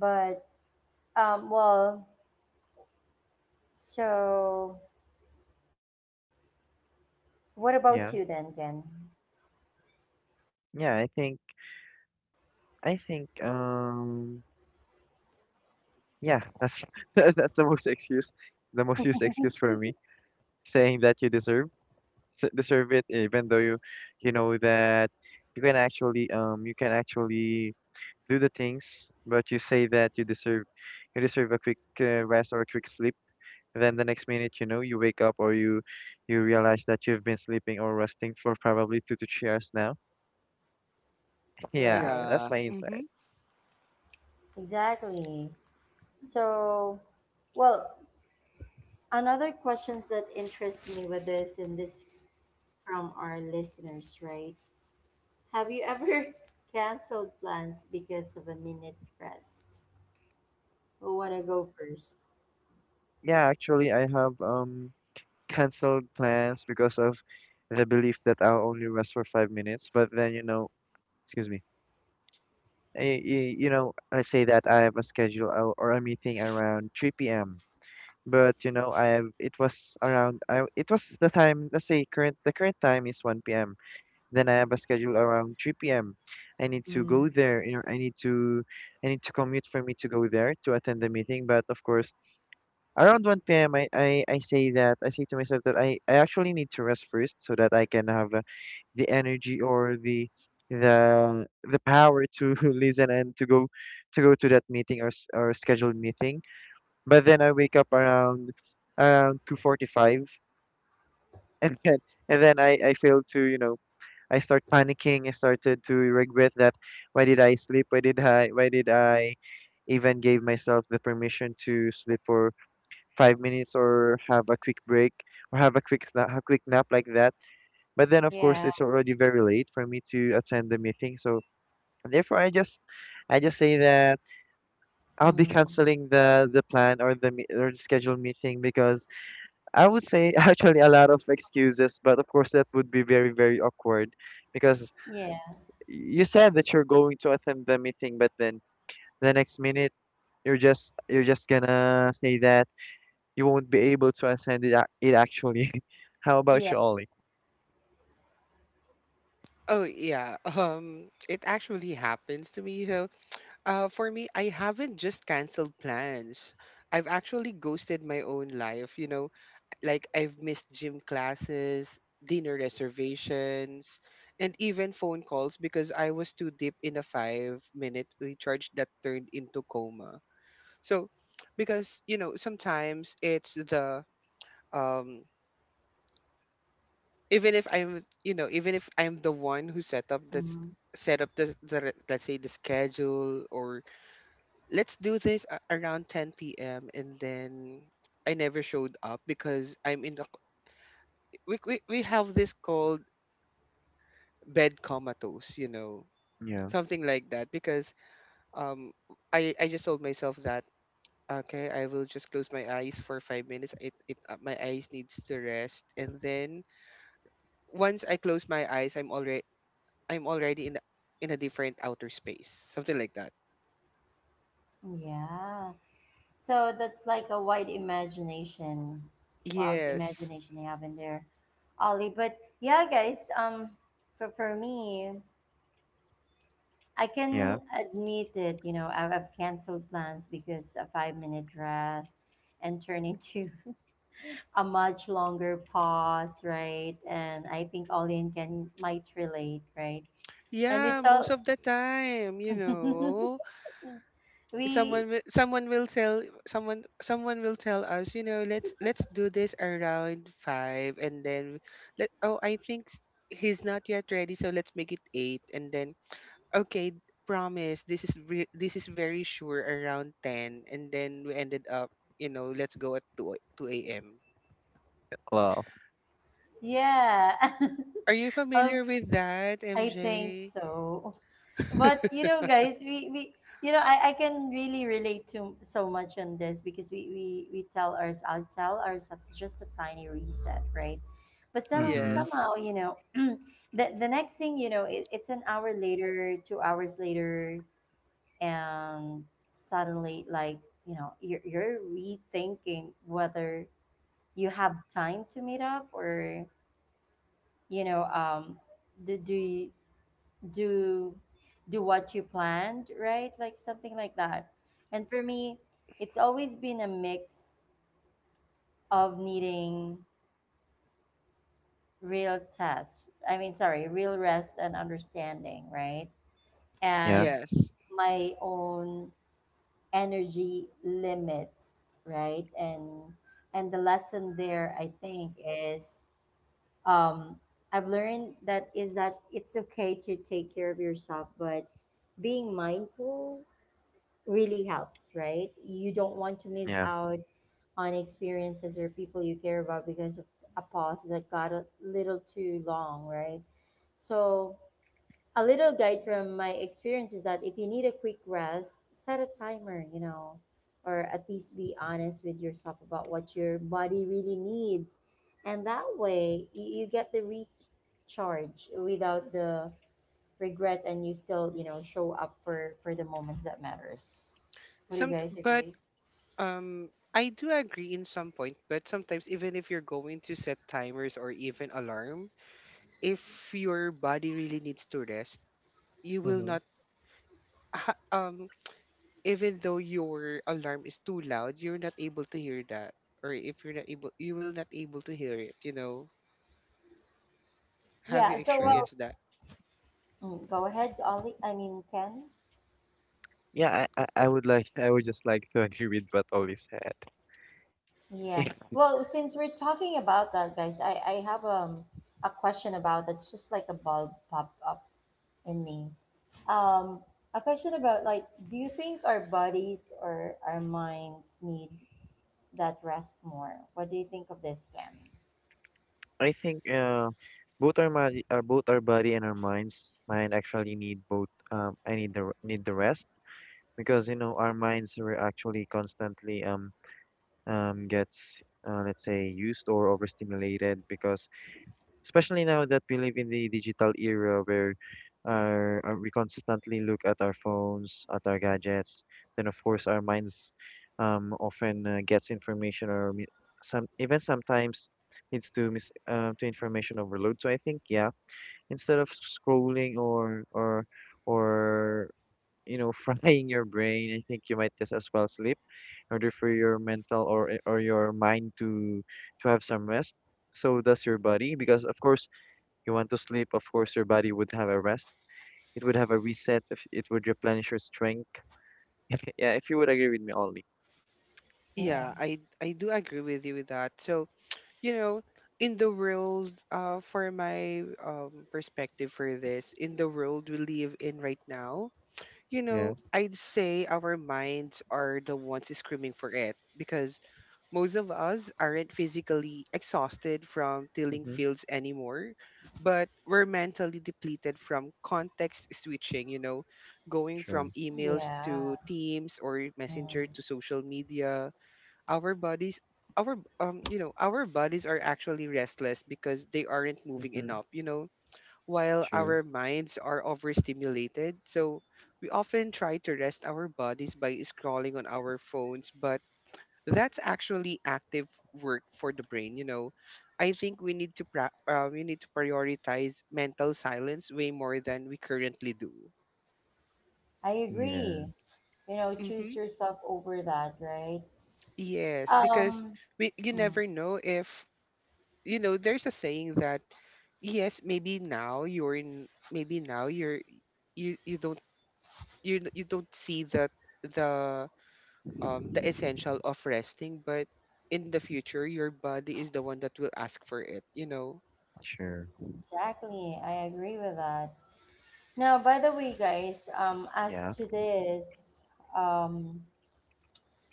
A: But, well, so what about you then,
C: Yeah.
A: Ken?
C: Yeah. I think. I think. Yeah, that's that's the most excuse, the most used excuse for me, saying that you deserve deserve it, even though you know that you can actually do the things, but you say that you deserve a quick rest or a quick sleep. Then the next minute, you know, you wake up or you realize that you've been sleeping or resting for probably 2 to 3 hours now. Yeah,
A: Right.
B: yeah.
C: that's my
B: Mhm.
C: insight.
A: Exactly. So, well, another questions that interests me with this and this from our listeners, right? Have you ever canceled plans because of a minute rest? Who wanna go first?
C: Yeah, actually, I have canceled plans because of the belief that I'll only rest for 5 minutes. But then, you know, excuse me. You know, let's say that I have a schedule or a meeting around 3 p.m. But you know I have it was around I, it was the time let's say current the current time is 1 p.m. Then I have a schedule around 3 p.m. I need to go
A: Mm.
C: there, you know, I need to commute for me to go there to attend the meeting. But of course, around 1 p.m. I say to myself that I actually need to rest first so that I can have the energy or the the power to listen and to go to that meeting or scheduled meeting. But then I wake up around 2:45 and then I failed to, you know, I start panicking. I started to regret that. Why did I sleep? Why did I even gave myself the permission to sleep for 5 minutes, or have a quick break, or have a quick a quick nap like that? But then of course
A: Yeah.
C: it's already very late for me to attend the meeting, so therefore I just say that I'll be
A: Mm.
C: canceling the plan or or the scheduled meeting. Because I would say, actually a lot of excuses, but of course that would be very, very awkward because
A: Yeah.
C: you said that you're going to attend the meeting, but then the next minute you're just gonna say that you won't be able to attend it actually. How about you,
A: Yeah.
C: Ollie?
B: Oh yeah. It actually happens to me. So, for me, I haven't just canceled plans. I've actually ghosted my own life, you know, like I've missed gym classes, dinner reservations, and even phone calls because I was too deep in a 5 minute recharge that turned into coma. So, because, you know, sometimes um, even if I'm the one who set up this,
A: Mm.
B: set up the re- let's say the schedule, or let's do this, around 10 p.m. And then I never showed up because I'm in the, we have this called bed comatose, you know,
C: Yeah,
B: something like that. Because um, I just told myself that, okay, I will just close my eyes for 5 minutes. My eyes needs to rest. And then once I close my eyes, I'm already, I'm already in, a- in a different outer space, something like that.
A: Yeah. So that's like a wild
B: Yes.
A: imagination you have in there, Ollie. But yeah, guys. For me, I
C: yeah.
A: can admit it. You know, I've canceled plans because a 5 minute rest, and turn into a much longer pause, right? And I think Olin can might relate, right? And we
B: Yeah, most
A: tell
B: of the time, you know.
A: we
B: Someone will tell someone someone will tell us, you know, let's do this around five. And then, let oh, I think, he's not yet ready, so let's make it eight. And then, okay, promise this is, this is very sure around 10. And then we ended up, you know, let's go at 2 2 a.m.
C: Well,
A: yeah,
B: Are you
A: um,
B: familiar with that,
A: I think
B: MJ?
A: so. But you know, guys, we you know I can really relate to so much on this because we tell ourselves just a tiny reset, right? But somehow,
C: mm-hmm.
B: Yes,
A: somehow you know, the next thing you know, it's an hour later, 2 hours later, and suddenly like you know you're rethinking whether you have time to meet up or you know do do you- do do what you planned, right? Like something like that. And for me, it's always been a mix of needing real test I mean sorry real rest and understanding, right?
C: Yeah,
A: And
B: yes.
A: my own energy limits, right? And the lesson there, I think, is um I've learned that is that it's okay to take care of yourself, but being mindful really helps, right? You don't want to miss
C: yeah.
A: out on experiences or people you care about because of a pause that got a little too long, right? So a little guide from my experience is that if you need a quick rest, set a timer, you know, or at least be honest with yourself about what your body really needs. And that way, you get the recharge without the regret and you still, you know, show up for the moments that matters. Would you
B: some
A: guys
B: But
A: agree?
B: Um, I do agree in some point, but sometimes even if you're going to set timers or even alarm, if your body really needs to rest, you will
C: Mm-hmm.
B: not ha- um even though your alarm is too loud, you're not able to hear that. Or if you're not able, you will not able to hear it, you know. Have you
A: Yeah, so
C: Sure.
A: well,
B: experienced that?
A: mm, go ahead, Ollie. I mean, Ken.
C: Yeah, I would like I would just like to agree with what Ollie said.
A: Yeah. Well, since we're talking about that, guys, I have a question about that's just like a bulb pop up in me. Um, a question about like, do you think our bodies or our minds need that rest more? What do you think of this, Cam?
C: I think both our body and our minds mind actually need both. I need need the rest because you know our minds were actually constantly gets let's say used or overstimulated. Because especially now that we live in the digital era where we constantly look at our phones, at our gadgets, then of course our minds often gets information or sometimes leads to mis to information overload. So I think, yeah, instead of scrolling or you know, frying your brain, I think you might just as well sleep in order for your mental or your mind to have some rest. So does your body, because of course you want to sleep, of course, your body would have a rest. It would have a reset. If it would replenish your strength. Yeah, if you would agree with me, Ollie.
A: Yeah.
B: Yeah, I do agree with you with that. So, you know, in the world, for my perspective for this, in the world we live in right now, you know,
C: Yeah.
B: I'd say our minds are the ones screaming for it because most of us aren't physically exhausted from tilling
C: Mm-hmm.
B: fields anymore, but we're mentally depleted from context switching, you know, going
C: True.
B: from emails
A: Yeah.
B: to Teams or Messenger
A: Mm.
B: to social media. Our bodies our you know our bodies are actually restless because they aren't moving
C: Mm-hmm.
B: enough, you know, while
C: True.
B: our minds are overstimulated. So we often try to rest our bodies by scrolling on our phones, but that's actually active work for the brain, you know. I think we need to prioritize mental silence way more than we currently do.
A: I
C: Yeah.
A: agree. You know, choose
B: Hmm.
A: yourself over that, right?
B: Yes, because
A: Um,
B: we you
A: mm,
B: never know if, you know. There's a saying that, yes, maybe now you're in. Maybe now you're you you don't you you don't see that the the essential of resting, but in the future, your body is the one that will ask for it, you know?
C: Sure.
A: exactly. I agree with that. Now, by the way, guys, as
C: Yeah,
A: to this, um,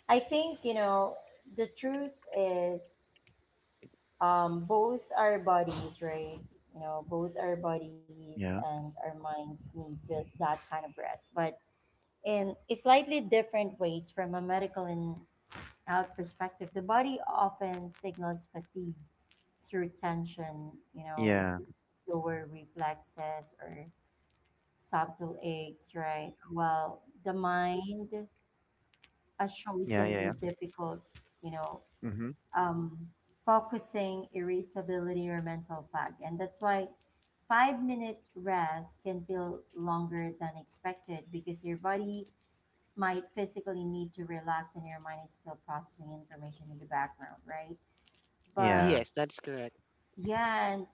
A: I think, you know, the truth is both our bodies, right? You know, both our bodies
C: yeah,
A: and our minds need to, that kind of rest, but in slightly different ways from a medical and health perspective. The body often signals fatigue through tension, you know, is
C: yeah,
A: slower reflexes or subtle aches, right? Well, the mind, a
C: yeah,
A: chosen
C: yeah, yeah.
A: through difficult, you know,
C: Mm-hmm.
A: um, focusing, irritability, or mental fog. And that's why 5 minute rest can feel longer than expected because your body might physically need to relax and your mind is still processing information in the background, right?
C: Yeah.
A: But
B: Yes, that's correct.
A: yeah, and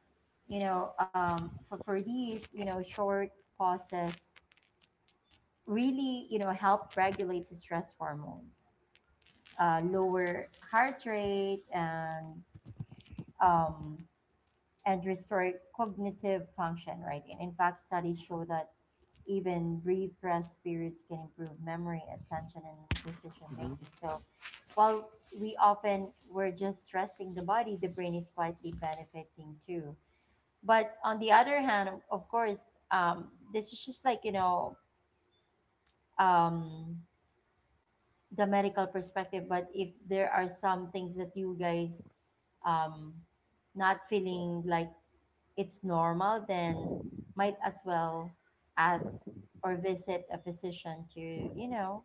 A: you know, for these, you know, short pauses really, you know, help regulate stress hormones, lower heart rate, um, and restore cognitive function. Right. And in fact, studies show that even brief rest periods can improve memory, attention, and decision making.
C: Mm-hmm.
A: So while we often we're just stressing the body, the brain is quietly benefiting too. But on the other hand, of course, this is just like you know. Um, the medical perspective, but if there are some things that you guys um not feeling like it's normal, then might as well ask or visit a physician to you know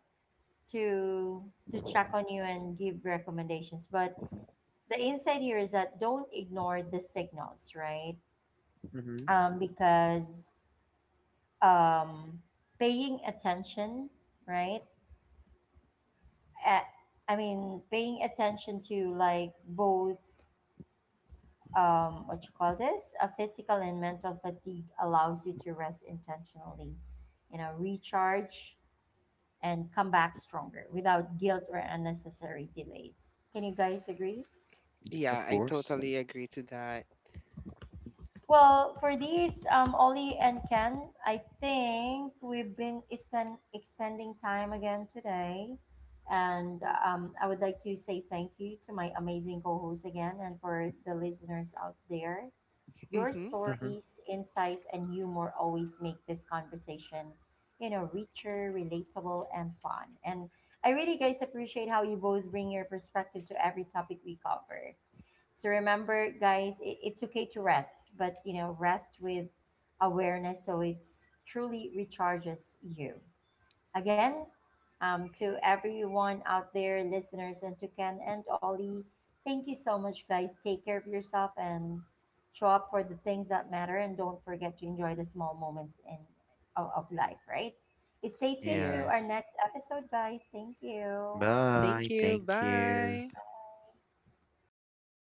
A: to to check on you and give recommendations, but the insight here is that don't ignore the signals, right?
C: Mm-hmm.
A: Because um paying attention, right? At I mean, paying attention to like both what you call this, a physical and mental fatigue allows you to rest intentionally, you know, recharge and come back stronger without guilt or unnecessary delays. Can you guys agree?
C: Of
B: Yeah, I
C: course.
B: totally agree to that.
A: Well, for these, Ollie and Ken, I think we've been extending time again today. And I would like to say thank you to my amazing co host again and for the listeners out there. Your
B: Mm-hmm.
C: Mm-hmm.
A: stories, insights, and humor always make this conversation, you know, richer, relatable, and fun. And I really, guys, appreciate how you both bring your perspective to every topic we cover. So remember, guys, it's okay to rest, but, you know, rest with awareness so it's truly recharges you again to everyone out there, listeners, and to Ken and Ollie. Thank you so much, guys. Take care of yourself and show up for the things that matter. And don't forget to enjoy the small moments in of life, right? Stay tuned
C: Yeah.
A: to our
B: Yes.
A: next episode, guys. Thank you.
C: Bye.
B: Thank you.
C: Thank you.
B: Bye.